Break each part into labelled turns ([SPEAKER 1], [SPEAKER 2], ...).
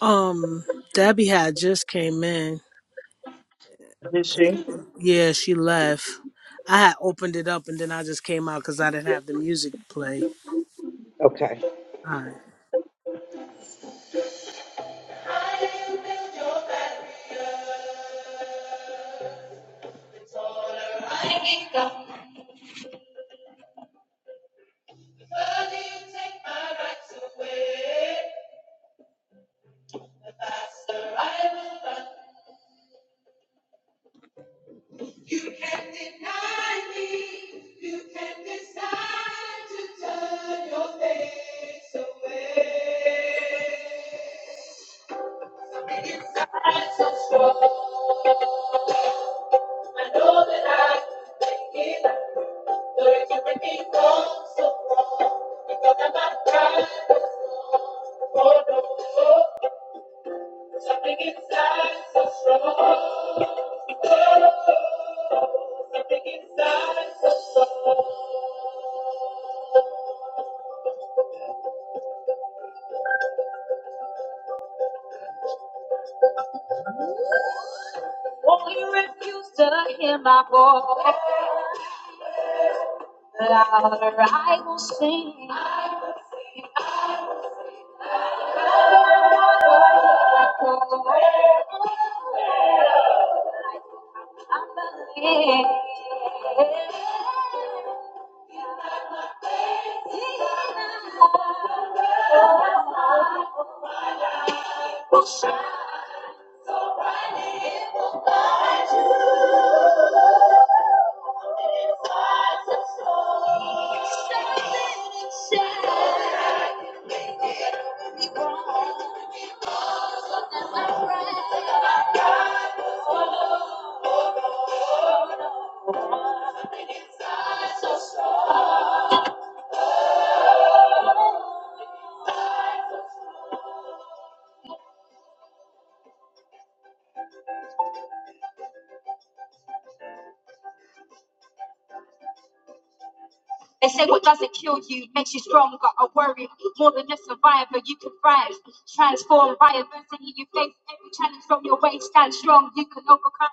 [SPEAKER 1] Um, Debbie had just came in.
[SPEAKER 2] Is she?
[SPEAKER 1] Yeah, she left. I had opened it up and then I just came out because I didn't have the music play. All right.
[SPEAKER 2] Okay. I know that I can make it out. Though you carried me wrong, so wrong. Because I'm not pride was for no. oh, Something inside so strong. Oh, something inside so strong. Won't you refuse to hear my voice? Louder, I will sing. I will sing. I will echo. i believe. They say what doesn't kill you makes you stronger. I worry more than a survivor, you can thrive. Transform by adversity, you face every challenge from you, you can overcome.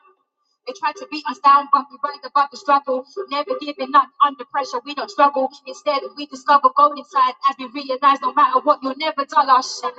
[SPEAKER 2] They try to beat above, we rise above the struggle. Never giving up under pressure, we don't struggle. Instead, we discover gold inside as we realize no matter what, you'll never shine.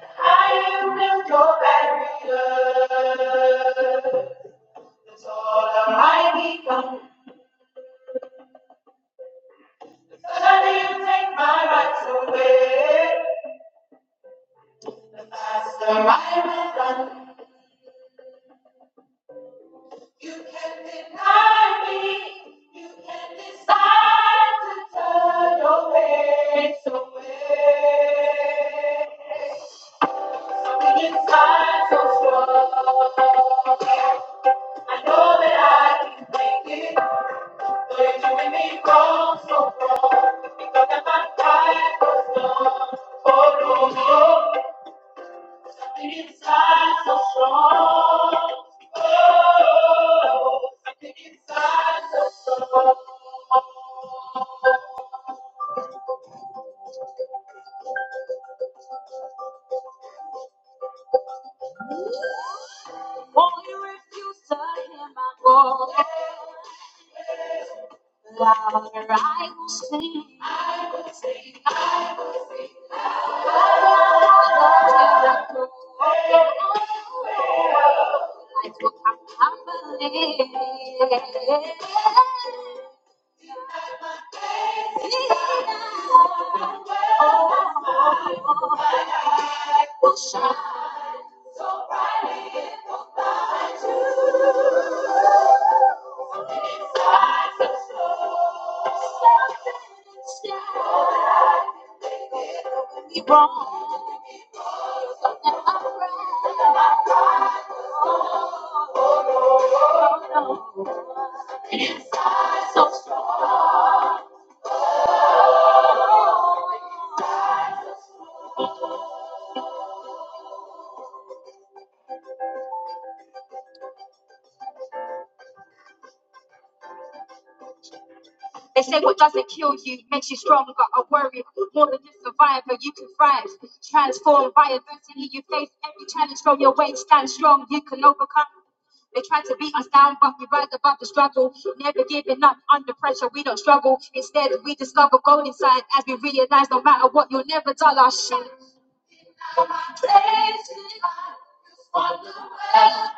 [SPEAKER 2] I am lift your barrier. That's all I become. Suddenly you take my rights away. The faster I will run. You can't deny me. You can't decide to turn your face away. Something inside so strong. I know that I can make it. Though you're doing me wrong so far. Because I'm not tired for long. Oh no, no. Inside so strong, oh, inside so strong. Only refuse to hear my voice. Louder I will sing. I will Life will come tumbling. See now. Oh, I Will shine. So bright in the southern sky, we rose on the uprising. So strong. They say what doesn't kill you makes you stronger. I worry more than just survivor, you can thrive. Transform by adversity, you face every challenge from your way. Stand strong, you can overcome. They try to beat us down, but we rise above the struggle. Never giving up under pressure, we don't struggle. Instead, we discover gold inside as we realize no matter what, you'll never dull our shine. It's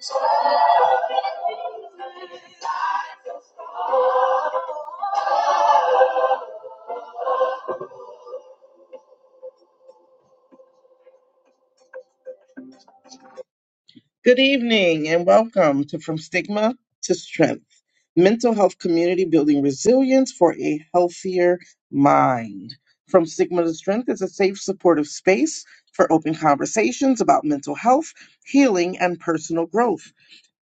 [SPEAKER 2] Something that's Good evening and welcome to From Stigma to Strength Mental Health Community Building Resilience for a Healthier Mind. From Stigma to Strength is a safe, supportive space for open conversations about mental health, healing, and personal growth.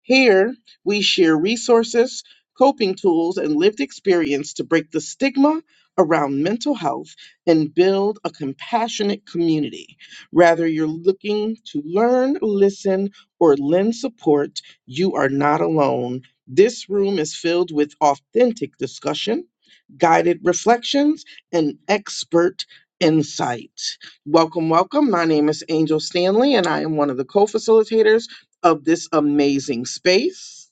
[SPEAKER 2] Here, we share resources, coping tools, and lived experience to break the stigma around mental health and build a compassionate community. Whether you're looking to learn, listen, or lend support, you are not alone. This room is filled with authentic discussion, guided reflections, and expert insight. Welcome, welcome. My name is Angel Stanley, and I am one of the co facilitators of this amazing space.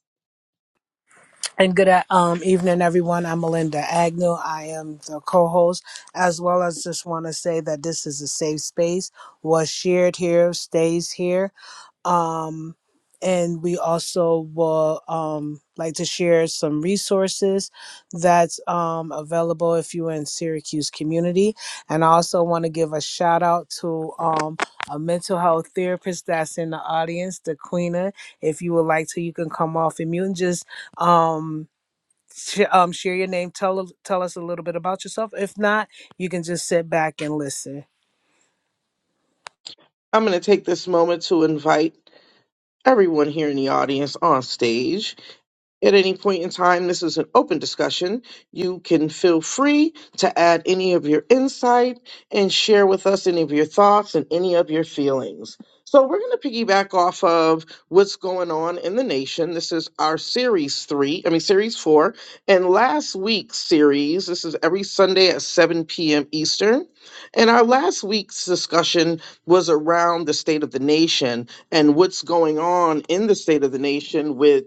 [SPEAKER 1] And good uh, um evening, everyone. I'm Melinda Agnew. I am the co-host, as well as just want to say that this is a safe space. What's shared here stays here. um, and we also will um, like to share some resources that's um, available if you're in syracuse community and i also want to give a shout out to um, a mental health therapist that's in the audience daquina if you would like to you can come off and mute and just um, sh- um, share your name tell, tell us a little bit about yourself if not you can just sit back and listen
[SPEAKER 2] I'm going to take this moment to invite everyone here in the audience on stage At any point in time, this is an open discussion. You can feel free to add any of your insight and share with us any of your thoughts and any of your feelings. So, we're going to piggyback off of what's going on in the nation. This is our series three, I mean, series four. And last week's series, this is every Sunday at 7 p.m. Eastern. And our last week's discussion was around the state of the nation and what's going on in the state of the nation with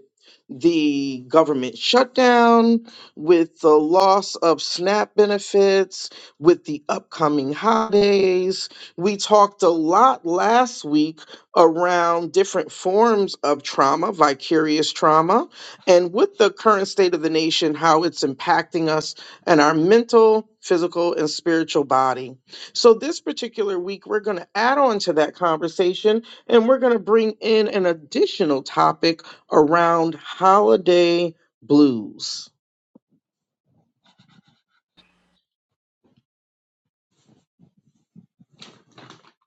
[SPEAKER 2] the government shutdown, with the loss of SNAP benefits, with the upcoming holidays. We talked a lot last week around different forms of trauma, vicarious trauma, and with the current state of the nation, how it's impacting us and our mental, physical, and spiritual body. So, this particular week, we're going to add on to that conversation and we're going to bring in an additional topic around holiday blues.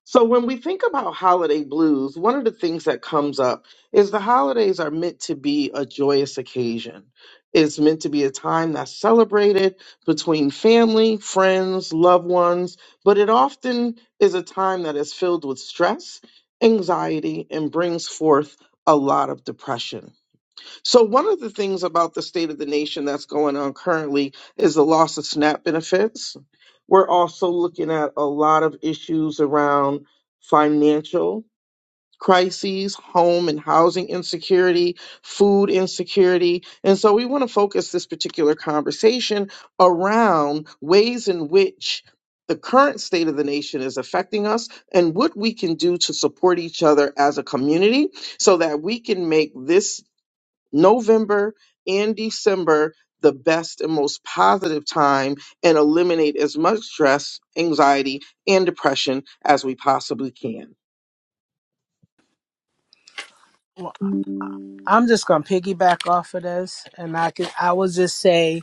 [SPEAKER 2] So, when we think about holiday blues, one of the things that comes up is the holidays are meant to be a joyous occasion. It's meant to be a time that's celebrated between family, friends, loved ones, but it often is a time that is filled with stress, anxiety, and brings forth a lot of depression. So, one of the things about the state of the nation that's going on currently is the loss of SNAP benefits. We're also looking at a lot of issues around financial crises, home and housing insecurity, food insecurity. And so, we want to focus this particular conversation around ways in which the current state of the nation is affecting us and what we can do to support each other as a community so that we can make this November and December the best and most positive time and eliminate as much stress, anxiety, and depression as we possibly can.
[SPEAKER 1] I'm just gonna piggyback off of this, and I can I will just say,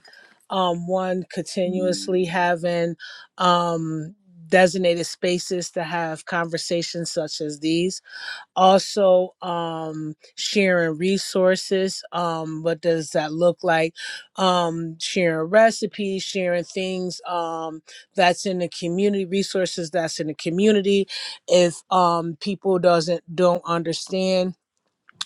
[SPEAKER 1] um, one continuously having um designated spaces to have conversations such as these. Also, um, sharing resources. Um, what does that look like? Um, sharing recipes, sharing things um that's in the community, resources that's in the community. If um people doesn't don't understand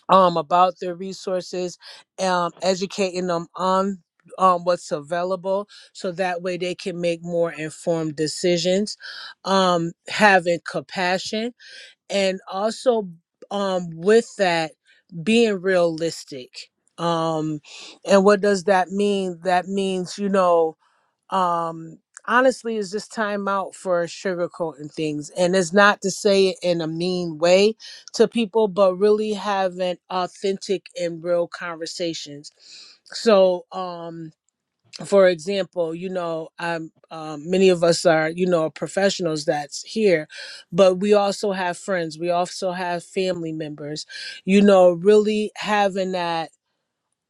[SPEAKER 1] um, about their resources, um, educating them on um, what's available so that way they can make more informed decisions, um, having compassion, and also um, with that, being realistic. Um, and what does that mean? That means, you know, um honestly is just time out for sugarcoating things and it's not to say it in a mean way to people but really having authentic and real conversations so um for example you know i'm um, many of us are you know professionals that's here but we also have friends we also have family members you know really having that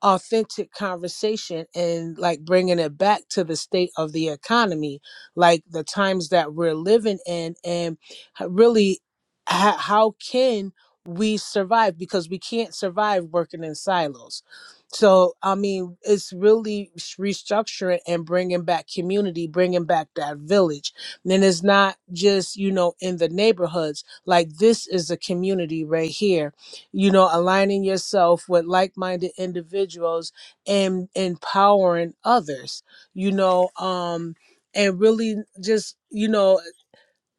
[SPEAKER 1] authentic conversation and like bringing it back to the state of the economy like the times that we're living in and h- really ha- how can we survive because we can't survive working in silos so i mean it's really s- restructuring and bringing back community bringing back that village And it's not just you know in the neighborhoods like this is a community right here you know aligning yourself with like-minded individuals and empowering others you know um and really just you know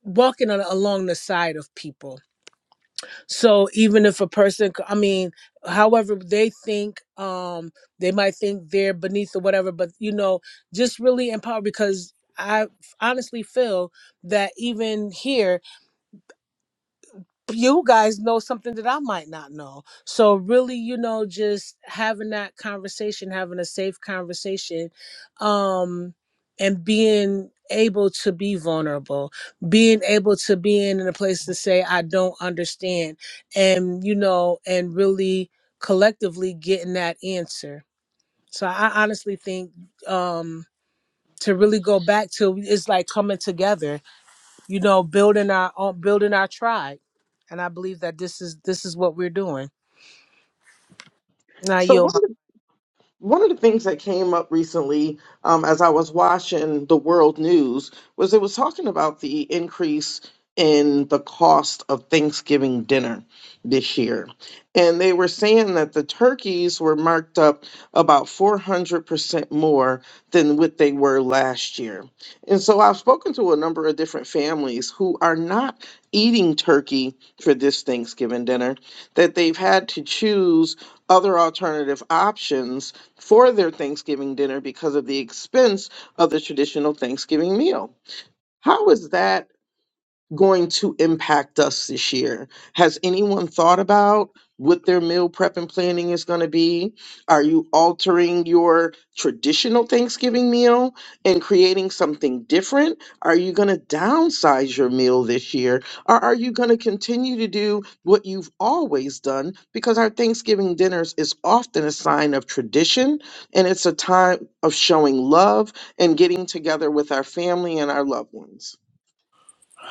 [SPEAKER 1] walking on, along the side of people so even if a person c- i mean however they think um they might think they're beneath or whatever but you know just really empower because i honestly feel that even here you guys know something that I might not know. So really, you know, just having that conversation, having a safe conversation, um, and being able to be vulnerable, being able to be in a place to say, I don't understand, and you know, and really collectively getting that answer. So I honestly think um to really go back to it's like coming together you know, building our own, building our tribe. And I believe that this is this is what we're doing. Now,
[SPEAKER 2] So,
[SPEAKER 1] yo,
[SPEAKER 2] one of one of the things that came up recently um, as I was watching the world news was it was talking about the increase in the cost of Thanksgiving dinner this year. And they were saying that the turkeys were marked up about 400% more than what they were last year. And so I've spoken to a number of different families who are not eating turkey for this Thanksgiving dinner, that they've had to choose other alternative options for their Thanksgiving dinner because of the expense of the traditional Thanksgiving meal. How is that? going to impact us this year? Has anyone thought about what their meal prep and planning is going to be? Are you altering your traditional Thanksgiving meal and creating something different? Are you going to downsize your meal this year? Or are you going to continue to do what you've always done? Because our Thanksgiving dinners is often a sign of tradition and it's a time of showing love and getting together with our family and our loved ones.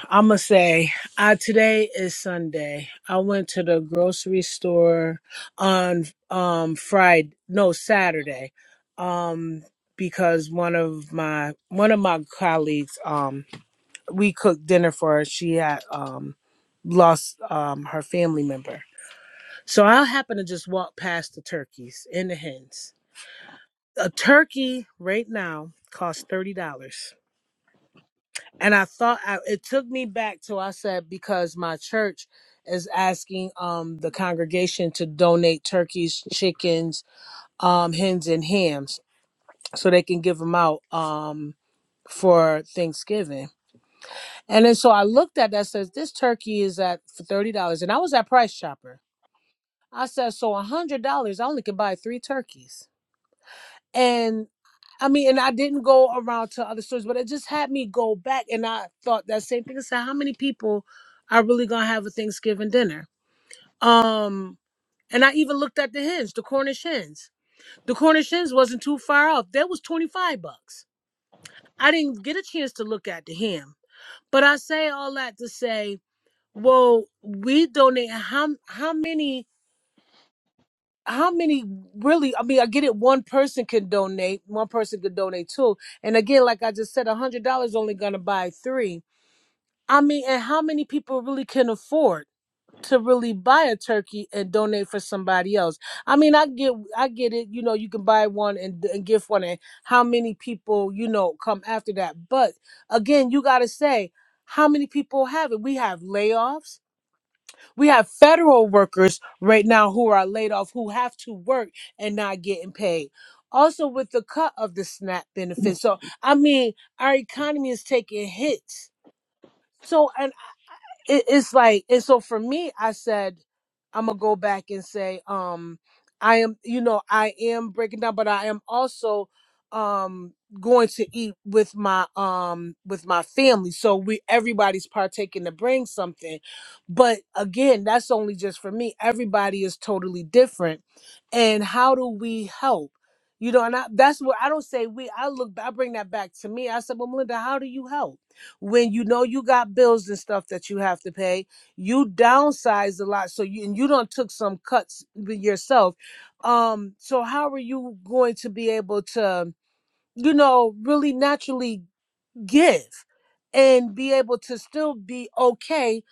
[SPEAKER 1] I'm gonna say, uh, today is Sunday. I went to the grocery store on um Friday, no Saturday, um because one of my one of my colleagues, um, we cooked dinner for her. She had um lost um her family member, so I happened to just walk past the turkeys and the hens a turkey right now costs thirty dollars, and I thought I, it took me back to I said because my church is asking um the congregation to donate turkeys, chickens, um hens and hams so they can give them out um for Thanksgiving. And then so I looked at that says this turkey is at for thirty dollars, and I was at Price Chopper. I said so a hundred dollars I only could buy three turkeys. and I mean, and I didn't go around to other stores, but it just had me go back, and I thought that same thing. I said, "How many people are really gonna have a Thanksgiving dinner?" Um, and I even looked at the hens, the Cornish hens. The Cornish hens wasn't too far off. That was twenty five bucks. I didn't get a chance to look at the ham, but I say all that to say, well, we donate how how many? how many really i mean i get it one person can donate one person could donate two and again like i just said a hundred dollars only gonna buy three i mean and how many people really can afford to really buy a turkey and donate for somebody else i mean i get i get it you know you can buy one and, and give one and how many people you know come after that but again you gotta say how many people have it we have layoffs we have federal workers right now who are laid off who have to work and not getting paid. Also, with the cut of the SNAP benefits. So, I mean, our economy is taking hits. So, and it, it's like and so for me i said i'm gonna go back and say um i am you know i am breaking down but i am also um going to eat with my um with my family so we everybody's partaking to bring something but again that's only just for me everybody is totally different and how do we help you know and I, that's what i don't say we i look i bring that back to me i said well melinda how do you help when you know you got bills and stuff that you have to pay you downsized a lot so you and you don't took some cuts with yourself um so how are you going to be able to you know really naturally give and be able to still be okay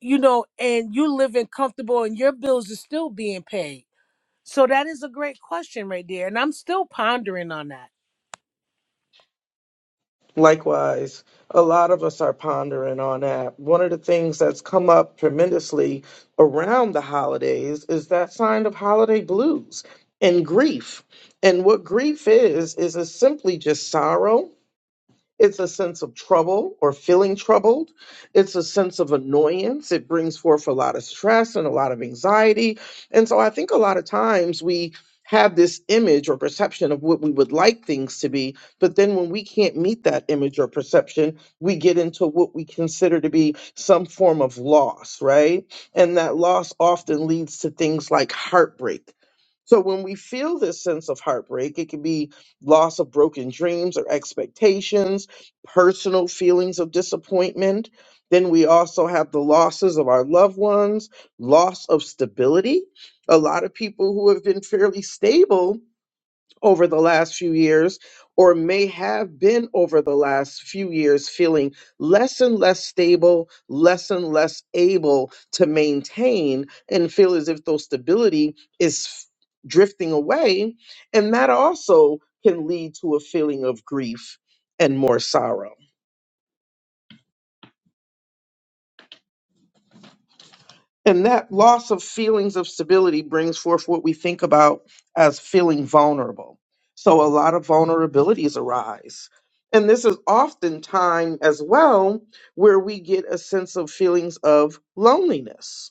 [SPEAKER 1] you know and you living comfortable and your bills are still being paid so that is a great question right there and i'm still pondering on that
[SPEAKER 2] Likewise, a lot of us are pondering on that. One of the things that's come up tremendously around the holidays is that sign of holiday blues and grief. And what grief is, is it's simply just sorrow it's a sense of trouble or feeling troubled. It's a sense of annoyance. It brings forth a lot of stress and a lot of anxiety. And so I think a lot of times we have this image or perception of what we would like things to be. But then when we can't meet that image or perception, we get into what we consider to be some form of loss, right? And that loss often leads to things like heartbreak. So when we feel this sense of heartbreak, it can be loss of broken dreams or expectations, personal feelings of disappointment. Then we also have the losses of our loved ones, loss of stability. A lot of people who have been fairly stable over the last few years or may have been over the last few years feeling less and less stable, less and less able to maintain and feel as if those stability is f- drifting away and that also can lead to a feeling of grief and more sorrow. And that loss of feelings of stability brings forth what we think about as feeling vulnerable. So a lot of vulnerabilities arise. And this is often time as well where we get a sense of feelings of loneliness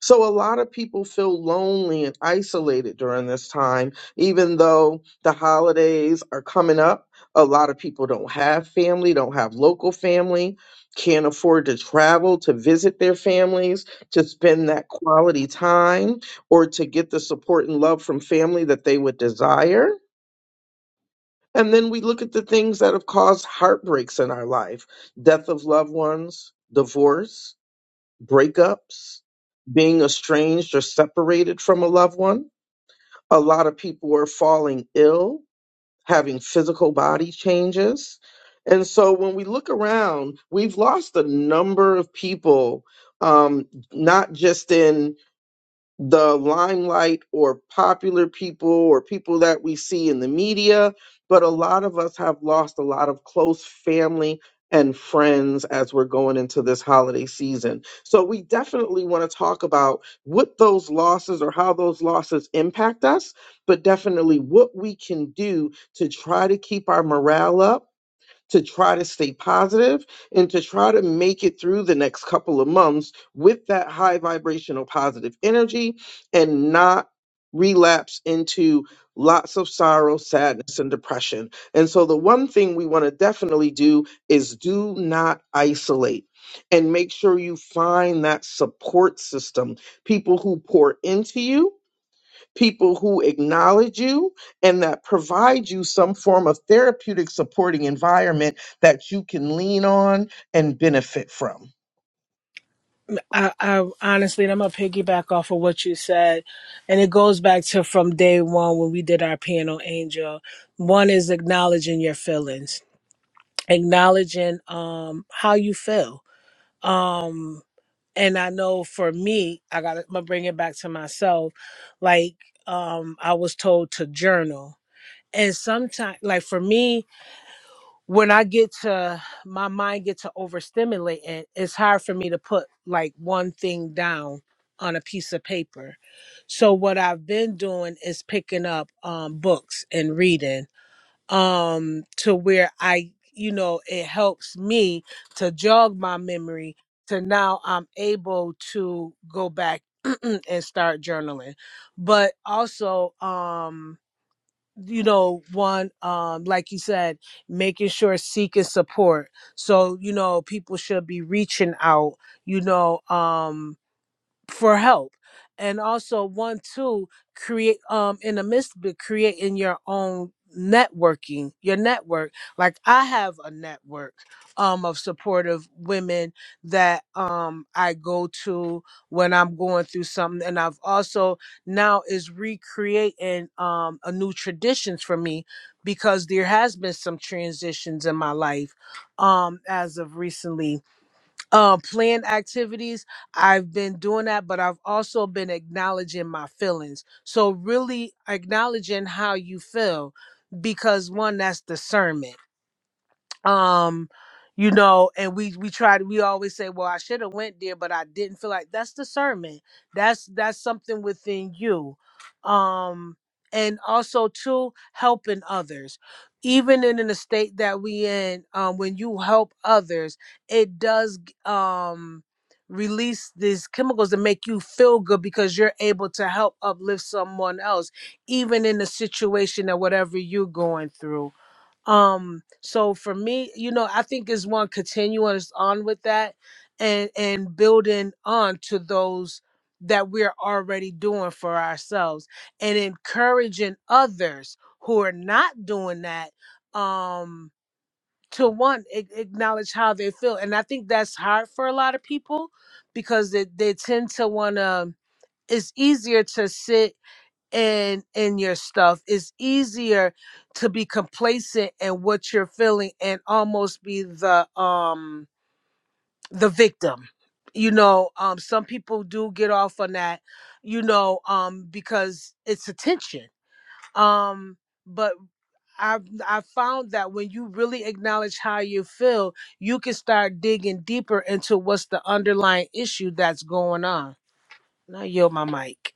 [SPEAKER 2] so a lot of people feel lonely and isolated during this time, even though the holidays are coming up. A lot of people don't have family, don't have local family, can't afford to travel to visit their families, to spend that quality time, or to get the support and love from family that they would desire. And then we look at the things that have caused heartbreaks in our life death of loved ones, divorce, breakups, being estranged or separated from a loved one. A lot of people are falling ill, having physical body changes. And so when we look around, we've lost a number of people, um, not just in the limelight or popular people or people that we see in the media, but a lot of us have lost a lot of close family and friends as we're going into this holiday season. So we definitely want to talk about what those losses or how those losses impact us, but definitely what we can do to try to keep our morale up to try to stay positive and to try to make it through the next couple of months with that high vibrational positive energy and not relapse into lots of sorrow, sadness, and depression. And so, the one thing we want to definitely do is do not isolate. And make sure you find that support system, people who pour into you, people who acknowledge you and that provide you some form of therapeutic supporting environment that you can lean on and benefit from.
[SPEAKER 1] I, I honestly, and I'm gonna piggyback off of what you said, and it goes back to from day one when we did our piano angel. One is acknowledging your feelings, acknowledging um how you feel. Um, and I know for me, I got to bring it back to myself. Like um, I was told to journal, and sometimes, like for me, when I get to my mind get to overstimulate and it's hard for me to put like one thing down on a piece of paper. So what I've been doing is picking up um books and reading um to where I you know it helps me to jog my memory to now I'm able to go back and start journaling. But also um you know one um like you said making sure seeking support so you know people should be reaching out you know um for help and also one too create um in the midst of it, creating your own networking your network like i have a network um of supportive women that um i go to when i'm going through something and i've also now is recreating um a new traditions for me because there has been some transitions in my life um as of recently um planned activities i've been doing that but i've also been acknowledging my feelings so really acknowledging how you feel because one that's discernment um you know and we we try to we always say well i should have went there but i didn't feel like that's discernment that's that's something within you um and also too helping others even in the state that we in um when you help others it does g- um release these chemicals that make you feel good because you're able to help uplift someone else even in the situation or whatever you're going through um so for me you know i think is one continuous on with that and and building on to those that we're already doing for ourselves and encouraging others who are not doing that um to one a- acknowledge how they feel and i think that's hard for a lot of people because they, they tend to want to it's easier to sit in in your stuff it's easier to be complacent in what you're feeling and almost be the um the victim you know um some people do get off on that you know um because it's attention um but I I found that when you really acknowledge how you feel, you can start digging deeper into what's the underlying issue that's going on. Now yield my mic.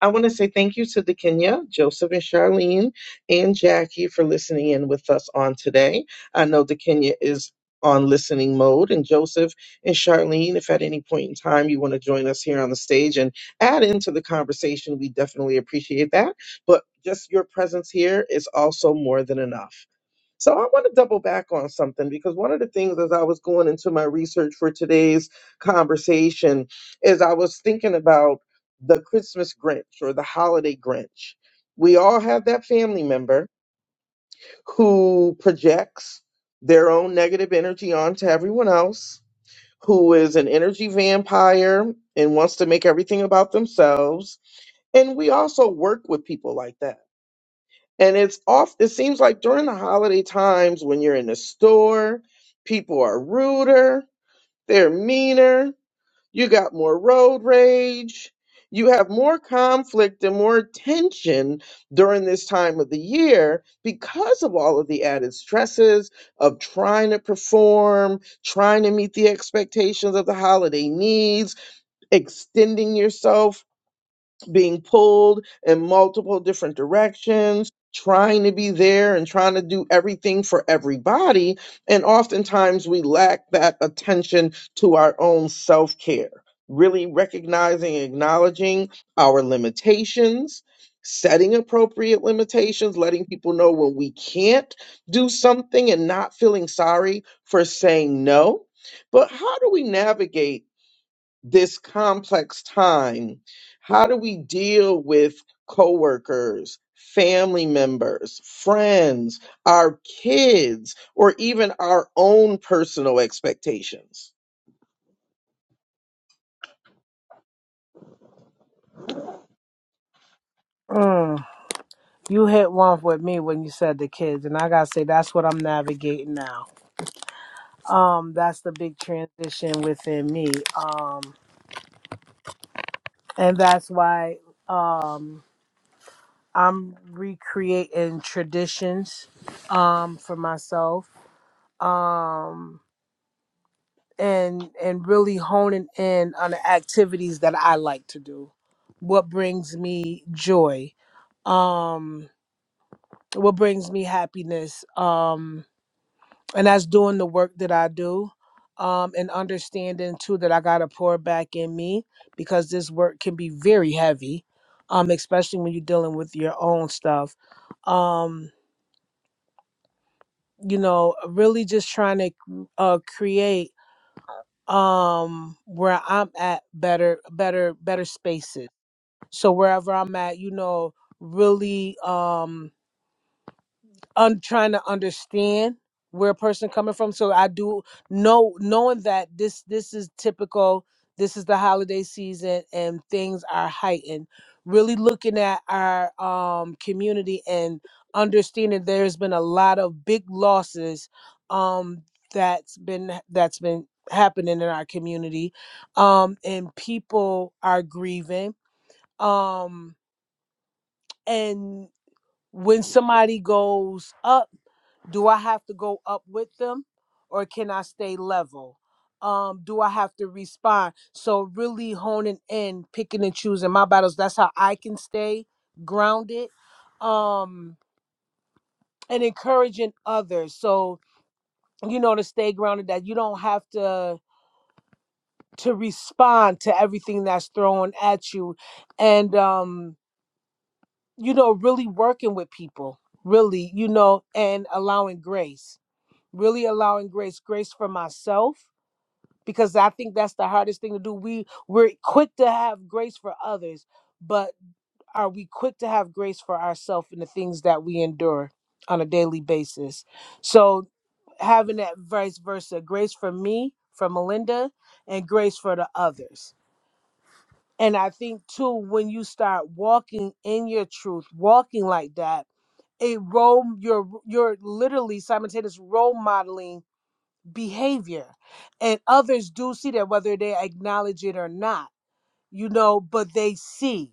[SPEAKER 2] I want to say thank you to the Kenya, Joseph and Charlene, and Jackie for listening in with us on today. I know the Kenya is on listening mode, and Joseph and Charlene, if at any point in time you want to join us here on the stage and add into the conversation, we definitely appreciate that. But just your presence here is also more than enough. So I want to double back on something because one of the things as I was going into my research for today's conversation is I was thinking about the Christmas Grinch or the holiday Grinch. We all have that family member who projects their own negative energy onto everyone else, who is an energy vampire and wants to make everything about themselves. And we also work with people like that and it's off, it seems like during the holiday times when you're in the store, people are ruder, they're meaner, you got more road rage, you have more conflict and more tension during this time of the year because of all of the added stresses of trying to perform, trying to meet the expectations of the holiday needs, extending yourself being pulled in multiple different directions, trying to be there and trying to do everything for everybody. And oftentimes we lack that attention to our own self care, really recognizing and acknowledging our limitations. Setting appropriate limitations, letting people know when we can't do something and not feeling sorry for saying no. But how do we navigate? this complex time, how do we deal with coworkers, family members, friends, our kids, or even our own personal expectations?
[SPEAKER 1] Mm. You hit one with me when you said the kids, and I gotta say that's what I'm navigating now. Um, that's the big transition within me. Um, and that's why um I'm recreating traditions um for myself. Um and and really honing in on the activities that I like to do. What brings me joy. Um what brings me happiness. Um and that's doing the work that I do, um, and understanding too that I gotta pour back in me because this work can be very heavy, um, especially when you're dealing with your own stuff. Um, you know, really just trying to uh, create um where I'm at better, better, better spaces. So wherever I'm at, you know, really um un- trying to understand where a person coming from. So I do know knowing that this this is typical. This is the holiday season and things are heightened. Really looking at our um, community and understanding there's been a lot of big losses um, that's been that's been happening in our community, um, and people are grieving. Um, and when somebody goes up do I have to go up with them or can I stay level? Um, do I have to respond? So really honing in, picking and choosing my battles. That's how I can stay grounded. Um, and encouraging others. So, you know, to stay grounded that you don't have to to respond to everything that's thrown at you. And um, you know, really working with people, really, you know, and allowing grace. Really allowing grace, grace for myself because I think that's the hardest thing to do. We we're quick to have grace for others, but are we quick to have grace for ourselves in the things that we endure on a daily basis? So having that vice versa, grace for me, for Melinda, and grace for the others. And I think too, when you start walking in your truth, walking like that, a role you're you're literally simultaneous role modeling behavior and others do see that whether they acknowledge it or not you know but they see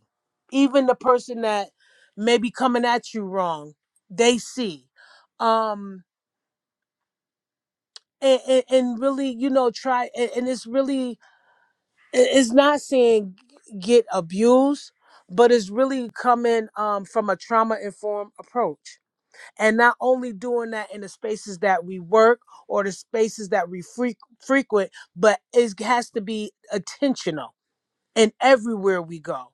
[SPEAKER 1] even the person that may be coming at you wrong they see um and, and, and really you know try and, and it's really i- it's not saying get abused but it's really coming um from a trauma informed approach and not only doing that in the spaces that we work or the spaces that we freq frequent, but it has to be intentional in everywhere we go.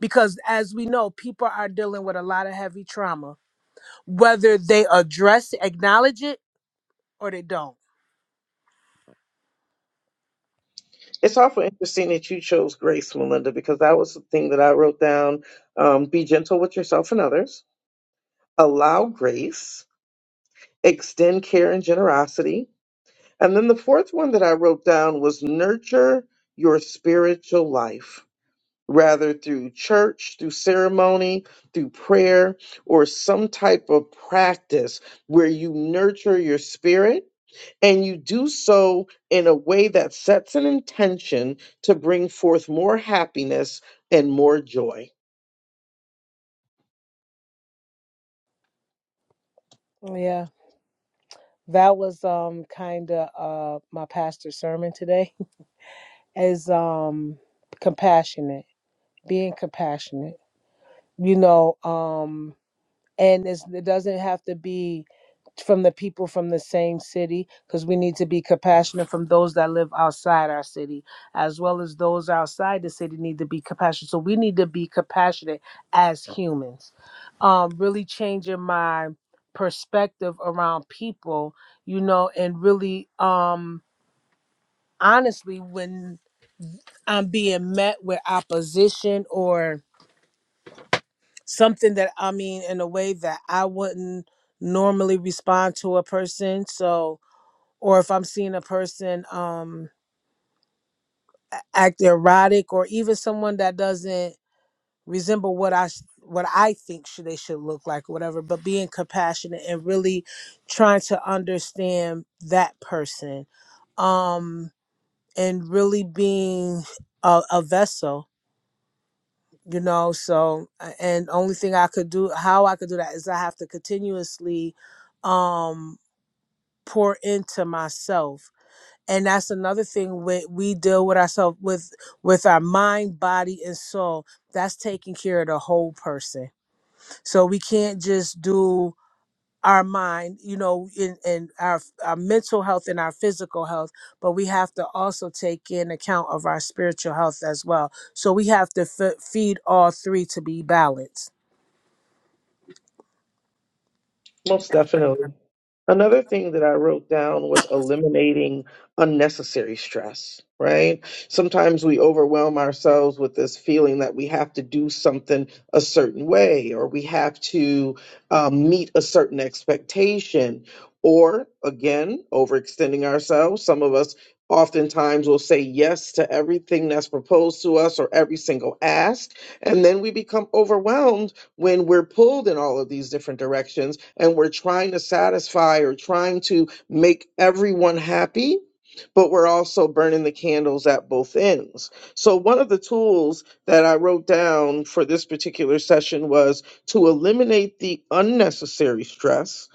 [SPEAKER 1] Because as we know, people are dealing with a lot of heavy trauma, whether they address, acknowledge it, or they don't.
[SPEAKER 2] It's awful interesting that you chose grace, Melinda, because that was the thing that I wrote down. Um, be gentle with yourself and others, allow grace, extend care and generosity. And then the fourth one that I wrote down was nurture your spiritual life rather through church, through ceremony, through prayer, or some type of practice where you nurture your spirit and you do so in a way that sets an intention to bring forth more happiness and more joy.
[SPEAKER 1] Yeah, that was um kind of uh my pastor's sermon today is um compassionate, being compassionate. You know, um and it's, it doesn't have to be from the people from the same city because we need to be compassionate from those that live outside our city as well as those outside the city need to be compassionate so we need to be compassionate as humans um really changing my perspective around people you know and really um honestly when i'm being met with opposition or something that I mean in a way that I wouldn't normally respond to a person. So, or if I'm seeing a person um a- act erotic, or even someone that doesn't resemble what I s- what I think should, they should look like, whatever. But being compassionate and really trying to understand that person, um, and really being a, a vessel you know so a- and only thing i could do how i could do that is i have to continuously um pour into myself and that's another thing we, we deal with ourselves with with our mind body and soul that's taking care of the whole person so we can't just do our mind you know in, in our our mental health and our physical health but we have to also take in account of our spiritual health as well so we have to f- feed all three to be balanced
[SPEAKER 2] Most definitely. Another thing that I wrote down was eliminating unnecessary stress, right? Sometimes we overwhelm ourselves with this feeling that we have to do something a certain way, or we have to um, meet a certain expectation, or again, overextending ourselves. Some of us oftentimes will say yes to everything that's proposed to us or every single ask, and then we become overwhelmed when we're pulled in all of these different directions and we're trying to satisfy or trying to make everyone happy, but we're also burning the candles at both ends. So, one of the tools that I wrote down for this particular session was to eliminate the unnecessary stress,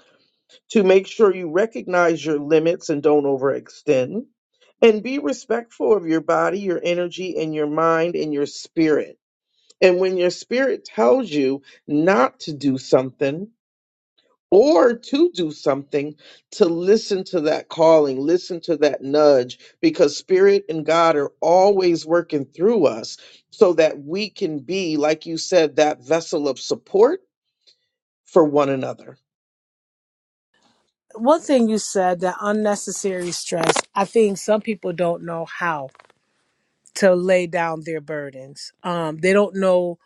[SPEAKER 2] to make sure you recognize your limits and don't overextend. And be respectful of your body, your energy, and your mind and your spirit and when your spirit tells you not to do something or to do something, to listen to that calling, listen to that nudge, because spirit and God are always working through us so that we can be, like you said, that vessel of support for one another.
[SPEAKER 1] one thing you said that unnecessary stress i think some people don't know how to lay down their burdens um they don't know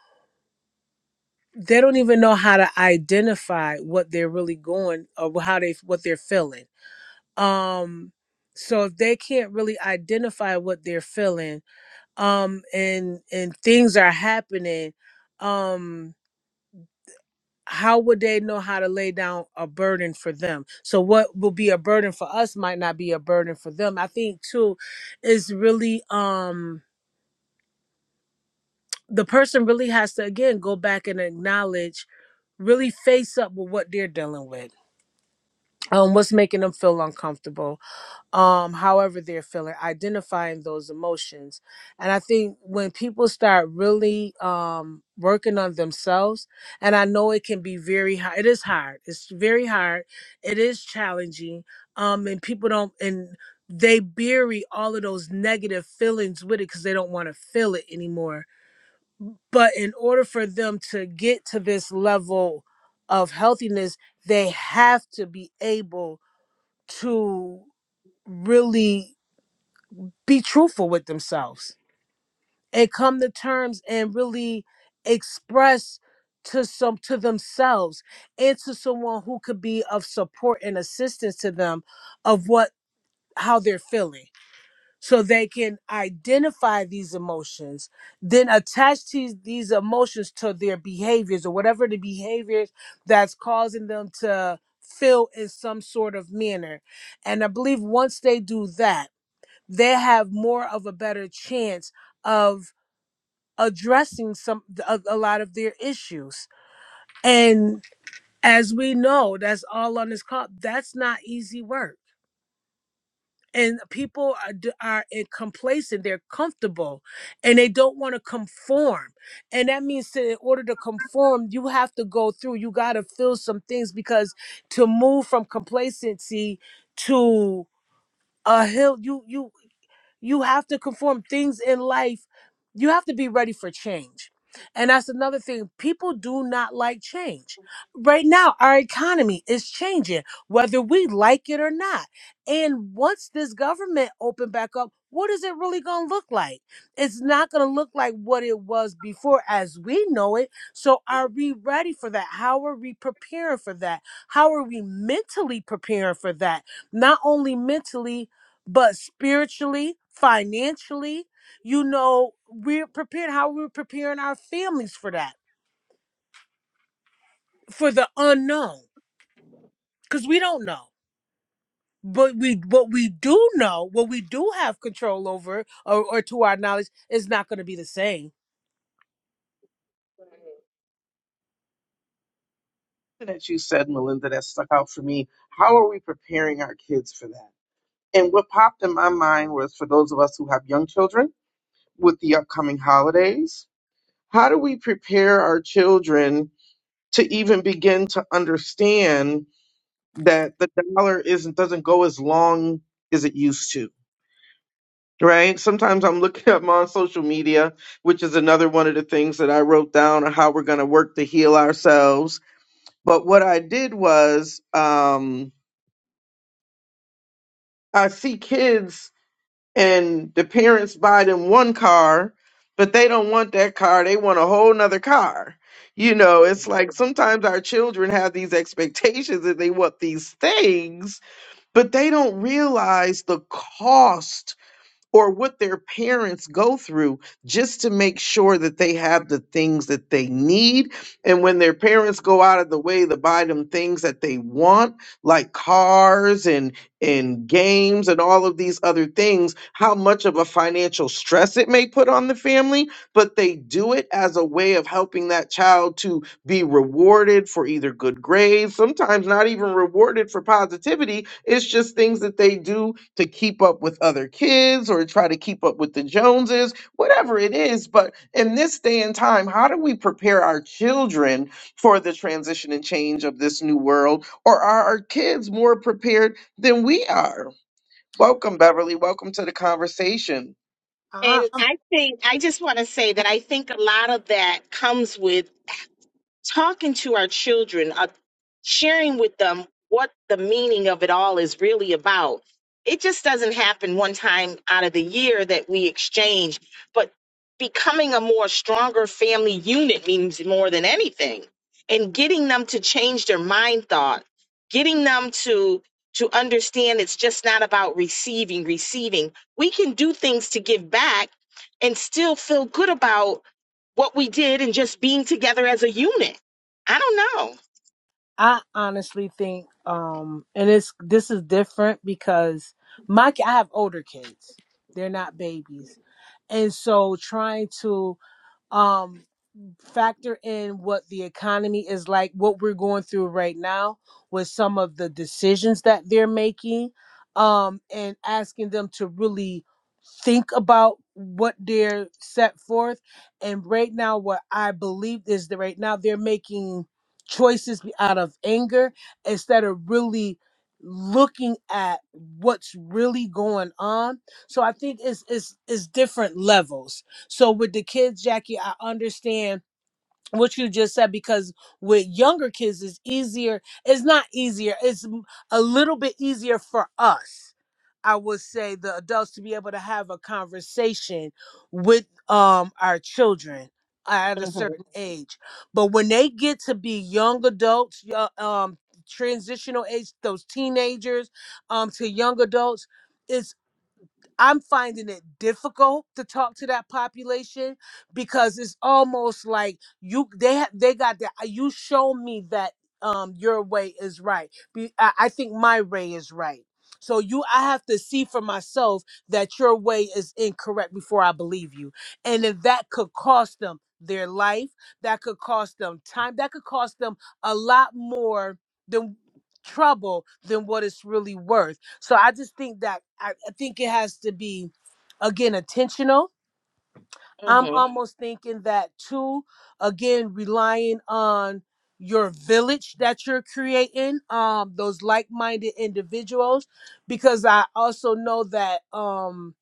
[SPEAKER 1] they don't even know how to identify what they're really going or how they what they're feeling um so if they can't really identify what they're feeling um and and things are happening um how would they know how to lay down a burden for them? So what will be a burden for us might not be a burden for them. I think too is really um the person really has to again go back and acknowledge really face up with what they're dealing with um what's making them feel uncomfortable um however they're feeling identifying those emotions and i think when people start really um working on themselves and i know it can be very hard it is hard it's very hard it is challenging um and people don't and they bury all of those negative feelings with it because they don't want to feel it anymore but in order for them to get to this level of healthiness they have to be able to really be truthful with themselves and come to terms and really express to some to themselves and to someone who could be of support and assistance to them of what how they're feeling so they can identify these emotions then attach these these emotions to their behaviors or whatever the behaviors that's causing them to feel in some sort of manner and i believe once they do that they have more of a better chance of addressing some a, a lot of their issues and as we know that's all on this call that's not easy work and people are, d- are in- complacent they're comfortable and they don't want to conform and that means that in order to conform you have to go through you got to feel some things because to move from complacency to a hill you you You have to conform things in life. You have to be ready for change. And that's another thing. People do not like change. Right now, our economy is changing, whether we like it or not. And once this government open back up, what is it really going to look like? It's not going to look like what it was before as we know it. So, are we ready for that? How are we preparing for that? How are we mentally preparing for that? Not only mentally, but spiritually, financially, you know, we're prepared how we're preparing our families for that, for the unknown, because we don't know. But we, what we do know, what we do have control over, or, or to our knowledge, is not going to be the same.
[SPEAKER 2] That you said, Melinda, that stuck out for me. How are we preparing our kids for that? And what popped in my mind was for those of us who have young children with the upcoming holidays, how do we prepare our children to even begin to understand? that the dollar isn't doesn't go as long as it used to right sometimes i'm looking up on social media which is another one of the things that i wrote down on how we're going to work to heal ourselves but what i did was um i see kids and the parents buy them one car but they don't want that car they want a whole nother car you know it's like sometimes our children have these expectations that they want these things but they don't realize the cost or what their parents go through just to make sure that they have the things that they need. And when their parents go out of the way to buy them things that they want, like cars and and games and all of these other things, how much of a financial stress it may put on the family, but they do it as a way of helping that child to be rewarded for either good grades, sometimes not even rewarded for positivity. It's just things that they do to keep up with other kids or try to keep up with the Joneses, whatever it is. But in this day and time, how do we prepare our children for the transition and change of this new world? Or are our kids more prepared than we are? Welcome, Beverly. Welcome to the conversation.
[SPEAKER 3] And
[SPEAKER 1] Ah,
[SPEAKER 3] I think I just want to say that I think a lot of that comes with talking to our children, uh, sharing with them what the meaning of it all is really about. It just doesn't happen one time out of the year that we exchange, but becoming a more stronger family unit means more than anything. And getting them to change their mind thought, getting them to to understand it's just not about receiving, receiving. We can do things to give back and still feel good about what we did and just being together as a unit. I don't know.
[SPEAKER 1] I honestly think, um, and it's this is different because my ki- I have older kids; they're not babies, and so trying to, um, factor in what the economy is like, what we're going through right now with some of the decisions that they're making, um, and asking them to really think about what they're set forth. And right now, what I believe is that right now they're making choices out of anger instead of really looking at what's really going on. So I think it's it's it's different levels. So with the kids, Jackie, I understand what you just said because with younger kids it's easier it's not easier it's m- a little bit easier for us i would say the adults to be able to have a conversation with um our children at a certain age but when they get to be young adults yo- um transitional age those teenagers um to young adults I'm finding it difficult to talk to that population because it's almost like you they ha- they got that you show me that um your way is right. Be, I, I think my way is right. So you I have to see for myself that your way is incorrect before I believe you. And if that could cost them their life, that could cost them time, that could cost them a lot more than trouble than what it's really worth so I just think that I, I think it has to be again intentional. I'm almost thinking that too, again, relying on your village that you're creating, um, those like-minded individuals, because I also know that um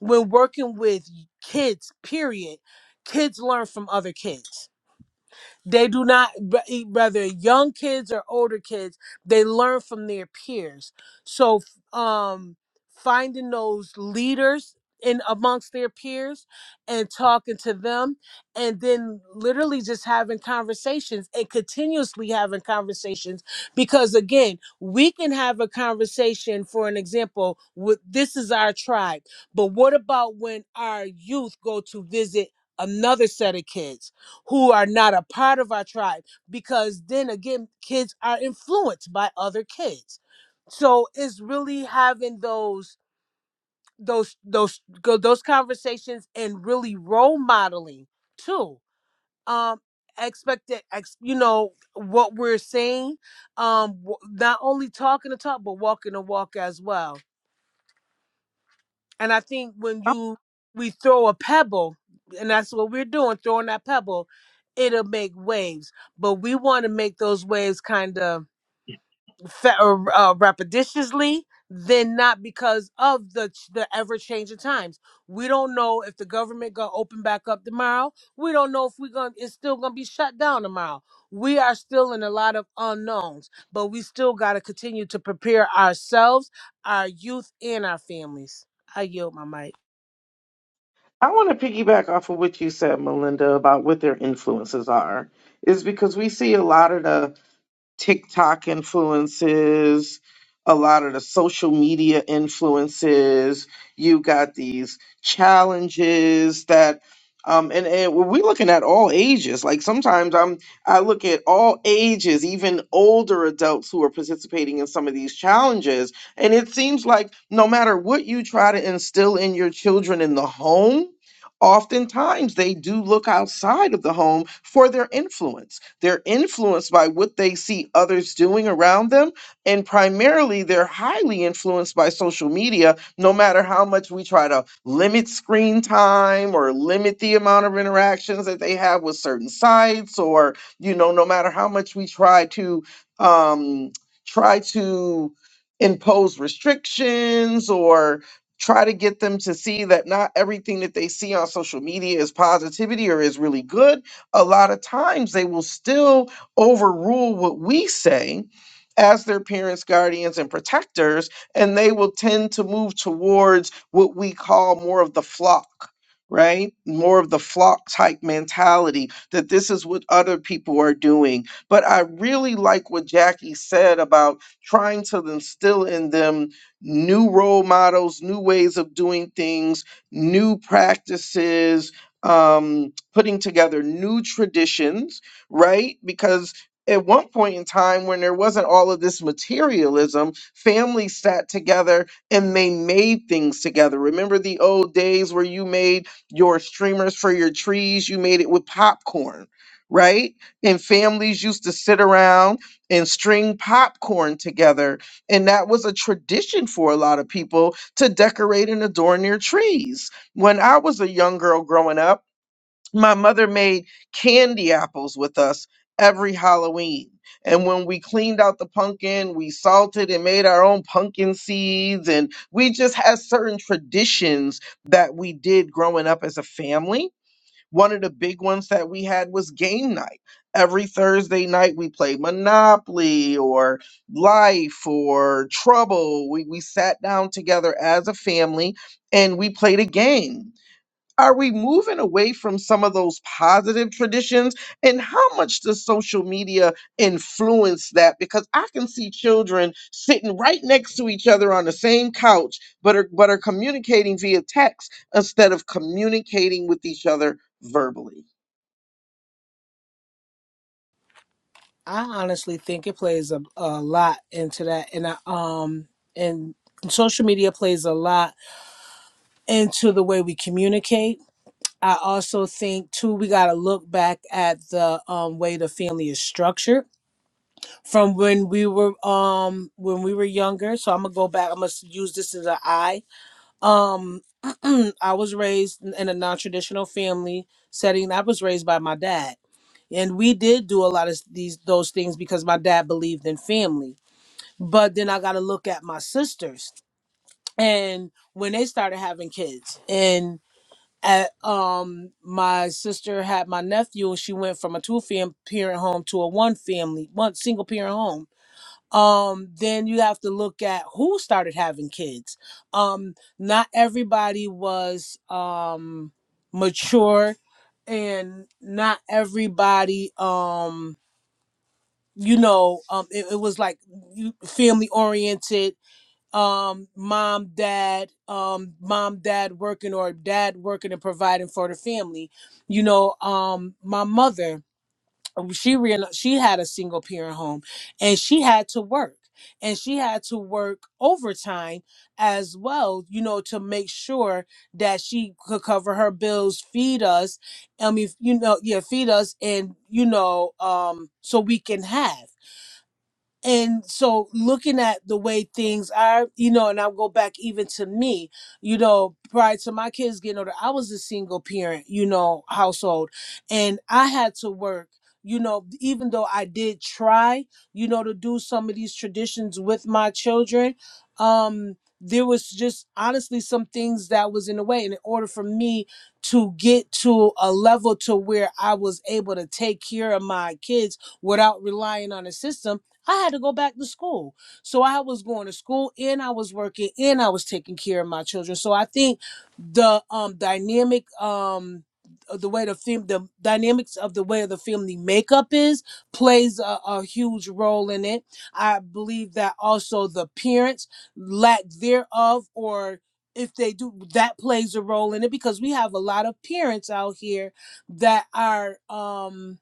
[SPEAKER 1] when working with kids, period, kids learn from other kids they do not, b- e- whether young kids or older kids, they learn from their peers. So, f- um, finding those leaders in amongst their peers and talking to them, and then literally just having conversations and continuously having conversations. Because again, we can have a conversation, for an example, with this is our tribe, but what about when our youth go to visit? Another set of kids who are not a part of our tribe because then again kids are influenced by other kids so it's really having those those those go- those conversations and really role modeling too um expect that ex, you know what we're saying um w- not only talking the talk but walking the walk as well And I think when you we throw a pebble, and that's what we're doing, throwing that pebble, it'll make waves. But we want to make those waves kind of fa- or, uh, repetitiously, then not because of the ch- the ever changing times. We don't know if the government gonna open back up tomorrow. We don't know if we're gonna it's still gonna be shut down tomorrow. We are still in a lot of unknowns, but we still gotta continue to prepare ourselves, our youth, and our families. I yield my mic.
[SPEAKER 2] I want to piggyback off of what you said, Melinda, about what their influences are. Is because we see a lot of the TikTok influences, a lot of the social media influences. You got these challenges that, um, and, and we're looking at all ages. Like sometimes I'm, I look at all ages, even older adults who are participating in some of these challenges. And it seems like no matter what you try to instill in your children in the home, oftentimes they do look outside of the home for their influence they're influenced by what they see others doing around them. And primarily, they're highly influenced by social media, no matter how much we try to limit screen time or limit the amount of interactions that they have with certain sites, or, you know, no matter how much we try to, um, try to impose restrictions or try to get them to see that not everything that they see on social media is positivity or is really good a lot of times they will still overrule what we say as their parents, guardians, and protectors, and they will tend to move towards what we call more of the flock. Right? More of the flock type mentality that this is what other people are doing. But I really like what Jackie said about trying to instill in them new role models, new ways of doing things, new practices. Um, putting together new traditions, right? Because at one point in time when there wasn't all of this materialism, families sat together and they made things together. Remember the old days where you made your streamers for your trees, you made it with popcorn, right? And families used to sit around and string popcorn together. And that was a tradition for a lot of people to decorate and adorn their trees. When I was a young girl growing up, my mother made candy apples with us every Halloween. And when we cleaned out the pumpkin, we salted and made our own pumpkin seeds. And we just had certain traditions that we did growing up as a family. One of the big ones that we had was game night. Every Thursday night, we played Monopoly or Life or Trouble. We, we sat down together as a family and we played a game are we moving away from some of those positive traditions? And how much does social media influence that? Because I can see children sitting right next to each other on the same couch, but are, but are communicating via text instead of communicating with each other verbally.
[SPEAKER 1] I honestly think it plays a, a lot into that, and I, um, and social media plays a lot into the way we communicate. I also think too we got to look back at the um, way the family is structured from when we were um when we were younger. So I'm gonna go back. I must use this as a I. Um, I was raised in a non-traditional family setting. I was raised by my dad, and we did do a lot of these those things because my dad believed in family but then I got to look at my sisters and when they started having kids and at, um my sister had my nephew and she went from a two fam- parent home to a one family one single parent home um then you have to look at who started having kids um not everybody was um mature and not everybody um you know um it, it was like family oriented um mom dad um mom dad working or dad working and providing for the family you know um my mother um, she real she had a single parent home and she had to work and she had to work overtime as well you know to make sure that she could cover her bills feed us i mean you know yeah feed us and you know um so we can have and so looking at the way things are you know and i'll go back even to me you know prior to my kids getting older i was a single parent you know household and i had to work you know even though i did try you know to do some of these traditions with my children um there was just honestly some things that was in the way and in order for me to get to a level to where i was able to take care of my kids without relying on a system I had to go back to school. So I was going to school and I was working and I was taking care of my children. So I think the um dynamic um the way the film the dynamics of the way the family makeup is plays a, a huge role in it. I believe that also the parents lack thereof or if they do that plays a role in it because we have a lot of parents out here that are um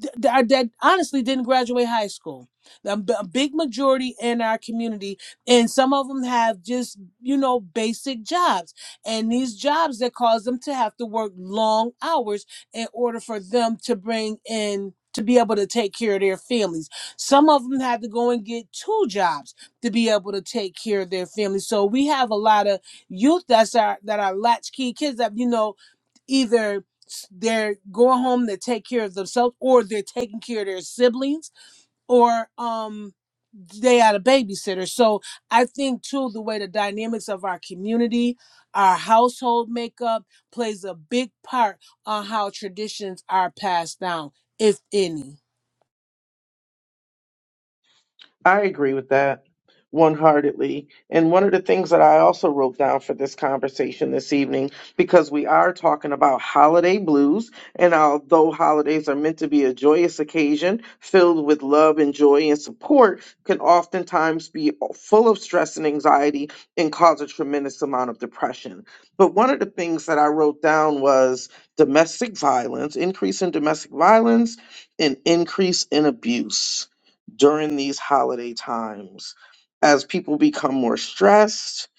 [SPEAKER 1] th- that, that honestly didn't graduate high school. A, b- a big majority in our community, and some of them have just you know basic jobs, and these jobs that cause them to have to work long hours in order for them to bring in to be able to take care of their families. Some of them had to go and get two jobs to be able to take care of their families. So we have a lot of youth that's our that are latchkey kids that you know either they're going home to take care of themselves or they're taking care of their siblings or um they had a babysitter so i think too the way the dynamics of our community our household makeup plays a big part on how traditions are passed down if any
[SPEAKER 2] I agree with that one heartedly. And one of the things that I also wrote down for this conversation this evening, because we are talking about holiday blues, and although holidays are meant to be a joyous occasion filled with love and joy and support, can oftentimes be full of stress and anxiety and cause a tremendous amount of depression. But one of the things that I wrote down was domestic violence, increase in domestic violence, and increase in abuse during these holiday times as people become more stressed,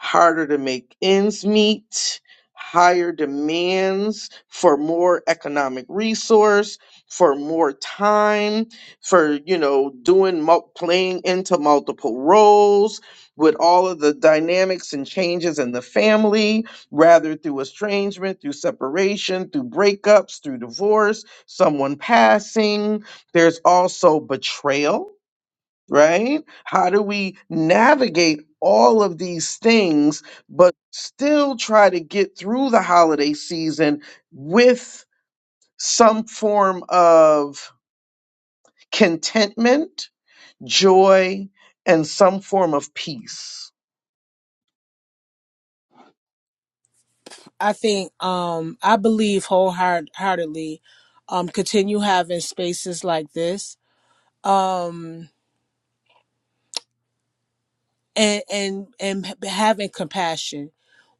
[SPEAKER 2] harder to make ends meet, higher demands for more economic resource, for more time, for, you know, doing mul- playing into multiple roles with all of the dynamics and changes in the family, rather through estrangement, through separation, through breakups, through divorce, someone passing, there's also betrayal right? How do we navigate all of these things, but still try to get through the holiday season with some form of contentment, joy, and some form of peace?
[SPEAKER 1] i think um i believe wholeheartedly um continue having spaces like this um. and and and having compassion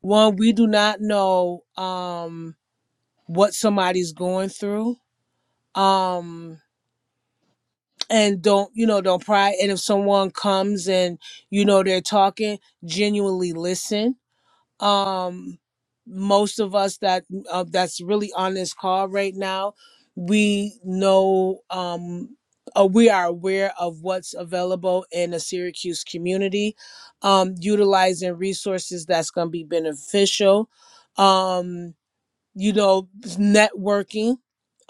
[SPEAKER 1] one we do not know um what somebody's going through um and don't you know don't pry and if someone comes and you know they're talking genuinely listen um most of us that uh, that's really on this call right now we know um uh, we are aware of what's available in the Syracuse community, um, utilizing resources that's going to be beneficial. Um, you know networking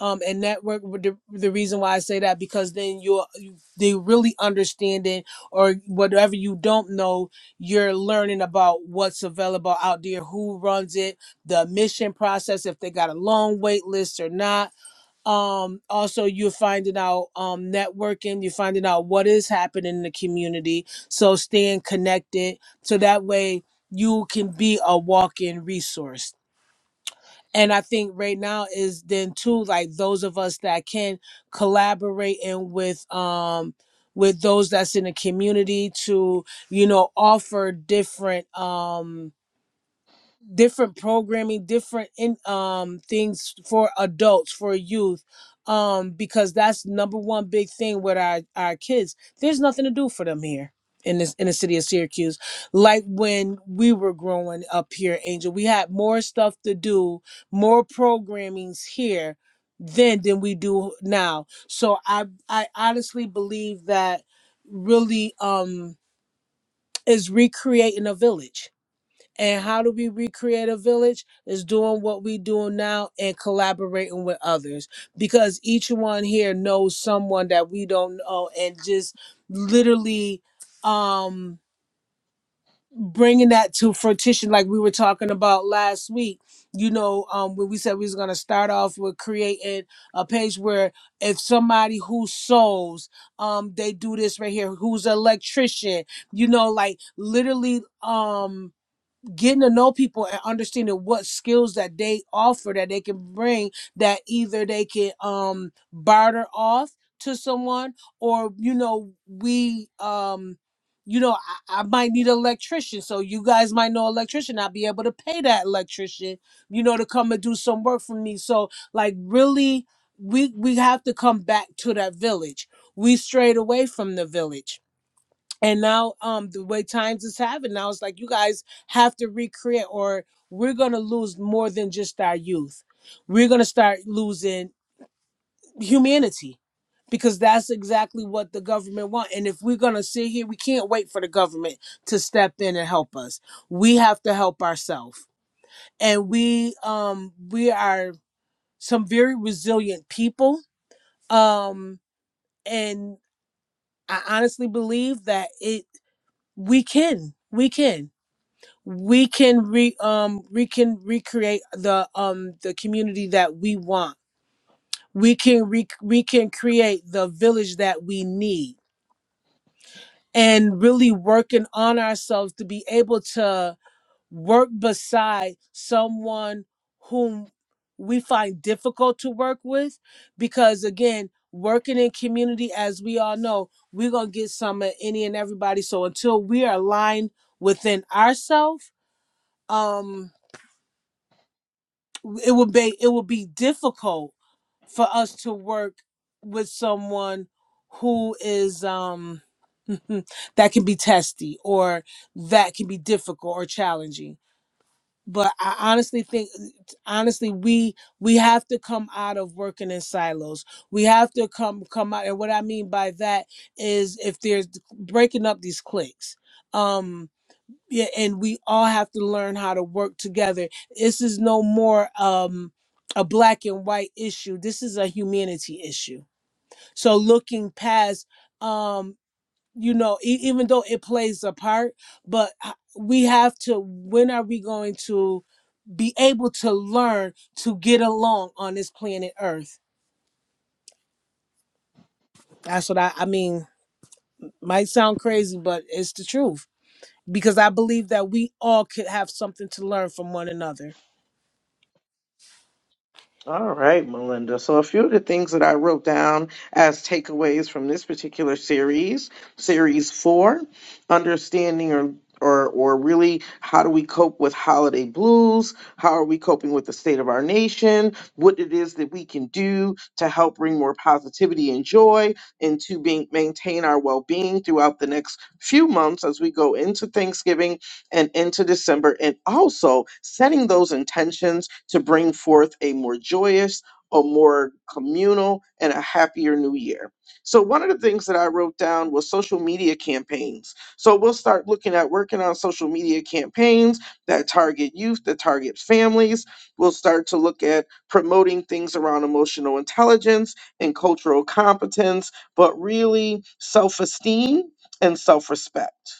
[SPEAKER 1] um and network the, the reason why i say that because then you're you, they really understand it or whatever you don't know you're learning about what's available out there who runs it the admission process if they got a long wait list or not um also you're finding out um networking you're finding out what is happening in the community so staying connected so that way you can be a walk-in resource and i think right now is then too like those of us that can collaborate and with um with those that's in the community to you know offer different um different programming different in um things for adults for youth um because that's number one big thing with our our kids there's nothing to do for them here in this in the city of syracuse like when we were growing up here angel we had more stuff to do more programmings here then than we do now so i i honestly believe that really um is recreating a village and how do we recreate a village? Is doing what we doing now and collaborating with others because each one here knows someone that we don't know and just literally um bringing that to fruition like we were talking about last week you know um when we said we was going to start off with creating a page where if somebody who sews um they do this right here who's an electrician you know like literally um getting to know people and understanding what skills that they offer that they can bring that either they can um barter off to someone or you know we um you know I, I might need an electrician so you guys might know an electrician i'll be able to pay that electrician you know to come and do some work for me so like really we we have to come back to that village we strayed away from the village and now um the way times is having now it's like you guys have to recreate or we're gonna lose more than just our youth we're gonna start losing humanity because that's exactly what the government want and if we're gonna sit here we can't wait for the government to step in and help us we have to help ourselves and we um we are some very resilient people um and i honestly believe that it we can we can we can re um we can recreate the um the community that we want we can re- we can create the village that we need and really working on ourselves to be able to work beside someone whom we find difficult to work with because again working in community as we all know we're gonna get some of any and everybody so until we are aligned within ourselves um. it would be it would be difficult for us to work with someone who is um that can be testy or that can be difficult or challenging but i honestly think honestly we we have to come out of working in silos we have to come come out and what i mean by that is if there's breaking up these cliques um yeah, and we all have to learn how to work together. This is no more um, a black and white issue. This is a humanity issue. So looking past, um, you know, e- even though it plays a part, but h- we have to. When are we going to be able to learn to get along on this planet Earth? That's what I, I mean. Might sound crazy, but it's the truth because I believe that we all could have something to learn from one another.
[SPEAKER 2] All right, Melinda. So, a few of the things that I wrote down as takeaways from this particular series, series four, understanding or or, or really, how do we cope with holiday blues? How are we coping with the state of our nation? What it is that we can do to help bring more positivity and joy into being maintain our well being throughout the next few months as we go into Thanksgiving and into December, and also setting those intentions to bring forth a more joyous, a more communal, and a happier new year. So, one of the things that I wrote down was social media campaigns. So, we'll start looking at working on social media campaigns that target youth, that target families. We'll start to look at promoting things around emotional intelligence and cultural competence, but really self esteem and self respect.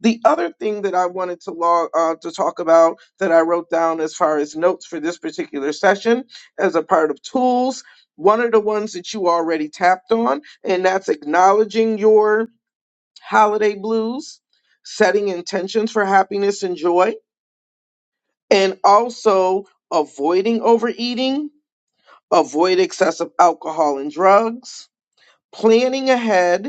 [SPEAKER 2] The other thing that I wanted to log uh, to talk about that I wrote down as far as notes for this particular session as a part of tools, one of the ones that you already tapped on, and that's acknowledging your holiday blues, setting intentions for happiness and joy, and also avoiding overeating, avoid excessive alcohol and drugs, planning ahead,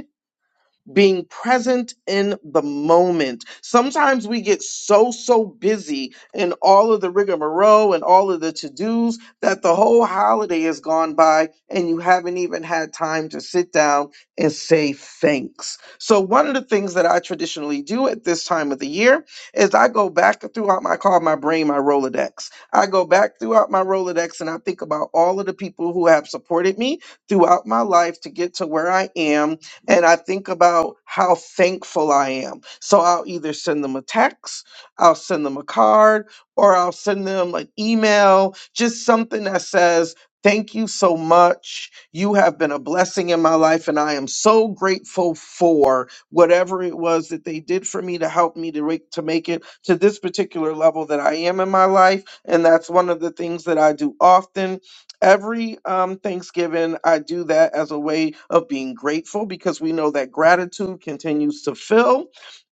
[SPEAKER 2] being present in the moment. Sometimes we get so, so busy in all of the rigmarole and all of the to dos that the whole holiday has gone by and you haven't even had time to sit down and say thanks. So, one of the things that I traditionally do at this time of the year is I go back throughout my call, my brain, my Rolodex. I go back throughout my Rolodex and I think about all of the people who have supported me throughout my life to get to where I am and I think about how thankful I am. So I'll either send them a text, I'll send them a card, or I'll send them an email, just something that says, Thank you so much. You have been a blessing in my life, and I am so grateful for whatever it was that they did for me to help me to, re- to make it to this particular level that I am in my life. And that's one of the things that I do often Every um, Thanksgiving, I do that as a way of being grateful because we know that gratitude continues to fill.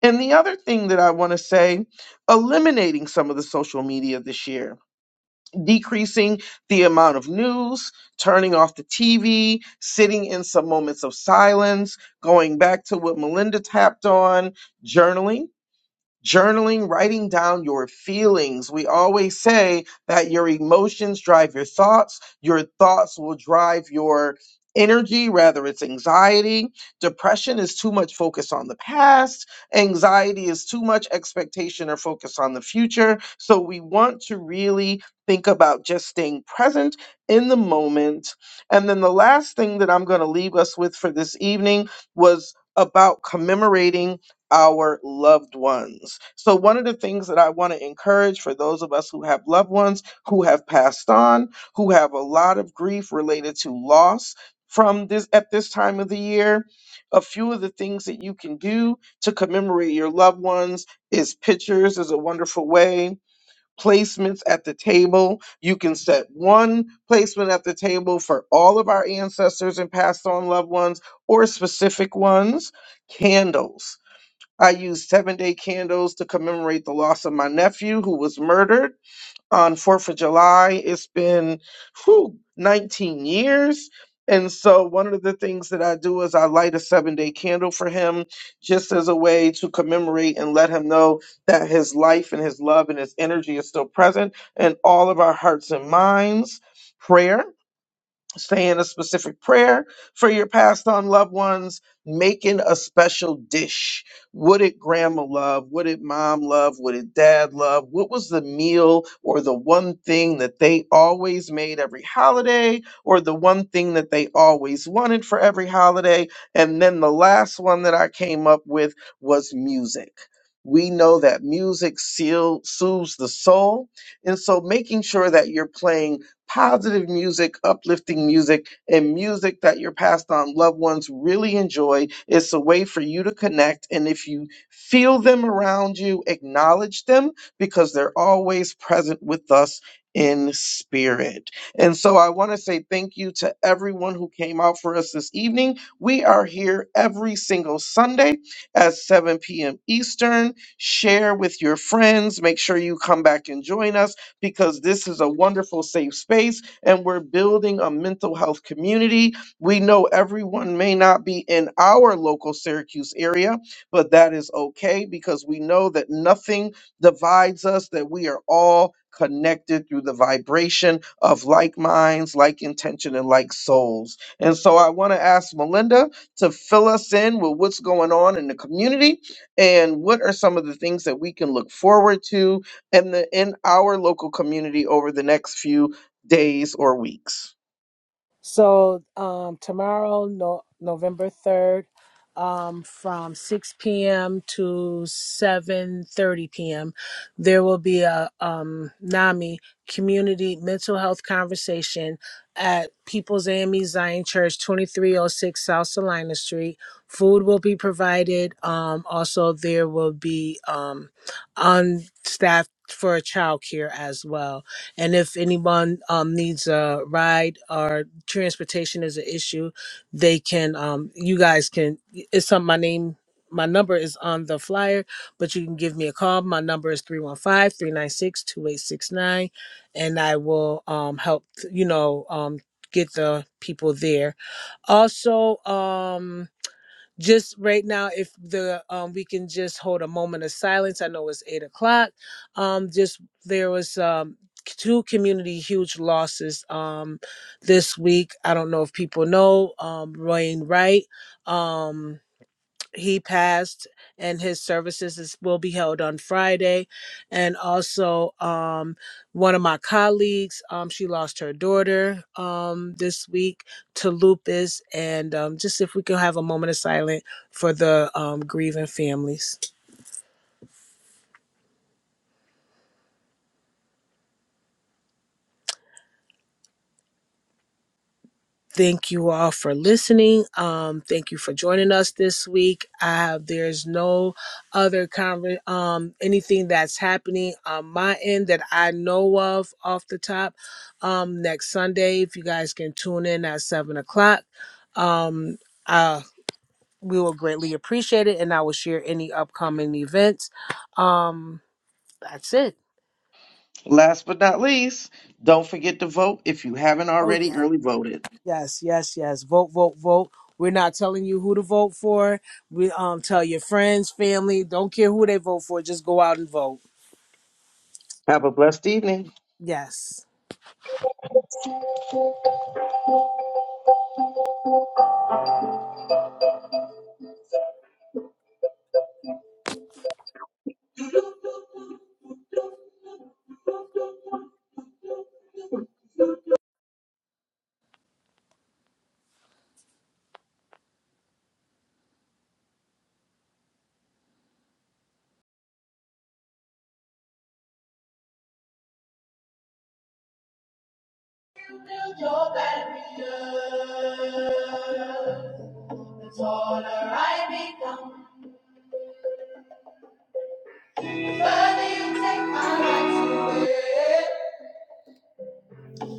[SPEAKER 2] And the other thing that I want to say eliminating some of the social media this year, decreasing the amount of news, turning off the TV, sitting in some moments of silence, going back to what Melinda tapped on, journaling journaling, writing down your feelings. We always say that your emotions drive your thoughts, your thoughts will drive your energy, whether it's anxiety. Depression is too much focus on the past, anxiety is too much expectation or focus on the future. So we want to really think about just staying present in the moment. And then the last thing that I'm going to leave us with for this evening was about commemorating our loved ones. So, one of the things that I want to encourage for those of us who have loved ones who have passed on, who have a lot of grief related to loss from this at this time of the year, a few of the things that you can do to commemorate your loved ones is pictures is a wonderful way. Placements at the table. You can set one placement at the table for all of our ancestors and passed on loved ones or specific ones. Candles I used seven day candles to commemorate the loss of my nephew who was murdered on 4th of July. It's been whew, 19 years. And so, one of the things that I do is I light a seven day candle for him just as a way to commemorate and let him know that his life and his love and his energy is still present in all of our hearts and minds. Prayer saying a specific prayer for your passed on loved ones, making a special dish. Would it grandma love? Would it mom love? Would it dad love? What was the meal or the one thing that they always made every holiday or the one thing that they always wanted for every holiday? And then the last one that I came up with was music. We know that music seal, soothes the soul. And so making sure that you're playing positive music, uplifting music, and music that your past on loved ones really enjoy. It's a way for you to connect. And if you feel them around you, acknowledge them because they're always present with us in spirit. And so I want to say thank you to everyone who came out for us this evening. We are here every single Sunday at 7 p.m. Eastern. Share with your friends. Make sure you come back and join us because this is a wonderful, safe space and we're building a mental health community. We know everyone may not be in our local Syracuse area, but that is okay because we know that nothing divides us, that we are all connected through the vibration of like minds, like intention, and like souls. And so I want to ask Melinda to fill us in with what's going on in the community and what are some of the things that we can look forward to and the, in our local community over the next few days or weeks.
[SPEAKER 1] So um, tomorrow, no, November third, um, from six p.m. to seven thirty p.m., there will be a um, NAMI community mental health conversation at People's AME Zion Church, twenty three oh six South Salina Street. Food will be provided. Um, also, there will be um, on staff for childcare as well and if anyone um, needs a ride or transportation is an issue, they can, um, you guys can, it's on my name, my number is on the flyer, but you can give me a call. My number is 315 396 2869, and I will um, help, you know, um, get the people there. Also, um, just right now if the um we can just hold a moment of silence i know it's eight o'clock um just there was um two community huge losses um this week i don't know if people know um wayne wright um he passed and his services is, will be held on friday and also um, one of my colleagues um, she lost her daughter um, this week to lupus and um, just if we could have a moment of silence for the um, grieving families Thank you all for listening. Um, thank you for joining us this week. Uh, there's no other conver- um, anything that's happening on my end that I know of off the top. Um, next Sunday, if you guys can tune in at seven o'clock, um, uh, we will greatly appreciate it, and I will share any upcoming events. Um, that's it.
[SPEAKER 2] Last but not least, don't forget to vote if you haven't
[SPEAKER 1] Oh
[SPEAKER 2] already
[SPEAKER 1] yeah.
[SPEAKER 2] early voted.
[SPEAKER 1] Yes, yes, yes. Vote, vote, vote. We're not telling you who to vote for. We um tell your friends, family, don't care who they vote for, just go out and vote.
[SPEAKER 2] Have a blessed evening.
[SPEAKER 1] Yes.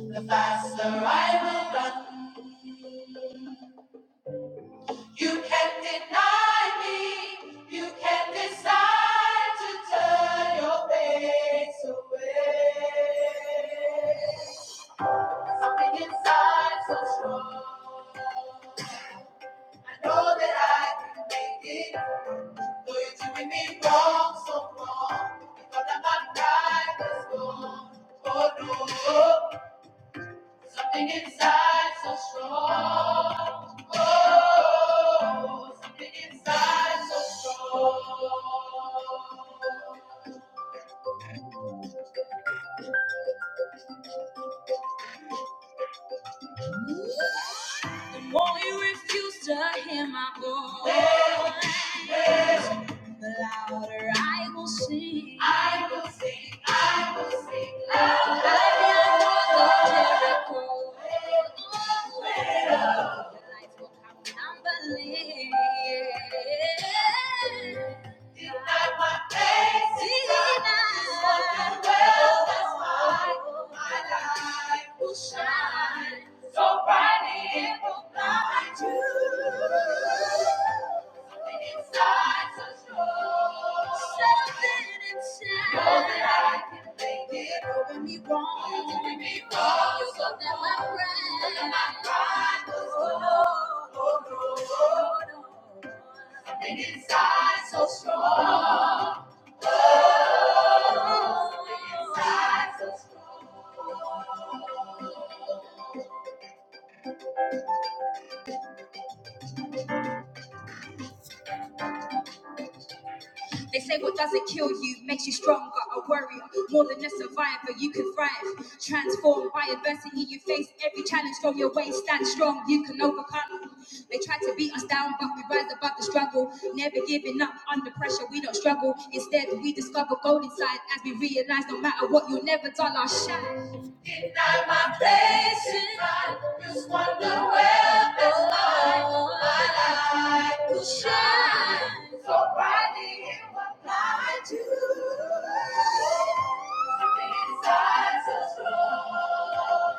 [SPEAKER 2] The faster I will run. You can deny me. You can decide to turn your face away. Something inside so strong. I know that I can make it. Though you're doing me wrong, so wrong. Because I'm not right, let's go. Oh no, something inside so strong. Something inside so strong. Won't you refuse to hear my voice? The louder I will sing. I love the miracle. The lights will come tumbling. Something inside so strong. They say what doesn't kill you makes you stronger, a warrior, more than a survivor. You can thrive, transform by adversity. You face every challenge on your way. Stand strong, you can overcome. They try to beat us down, but we rise above the struggle. Never giving up under pressure, we don't struggle. Instead, we discover gold inside as we realize no matter what, you'll never dull our shine. Denied my patience. I just wonder where that's like. My light will shine so brightly in what I do. Something inside so strong.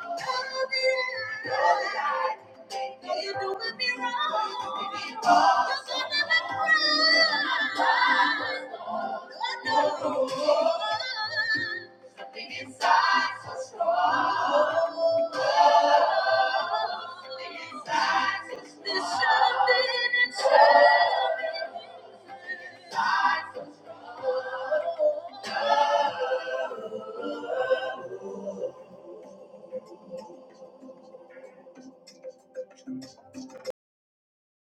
[SPEAKER 2] Something inside so strong.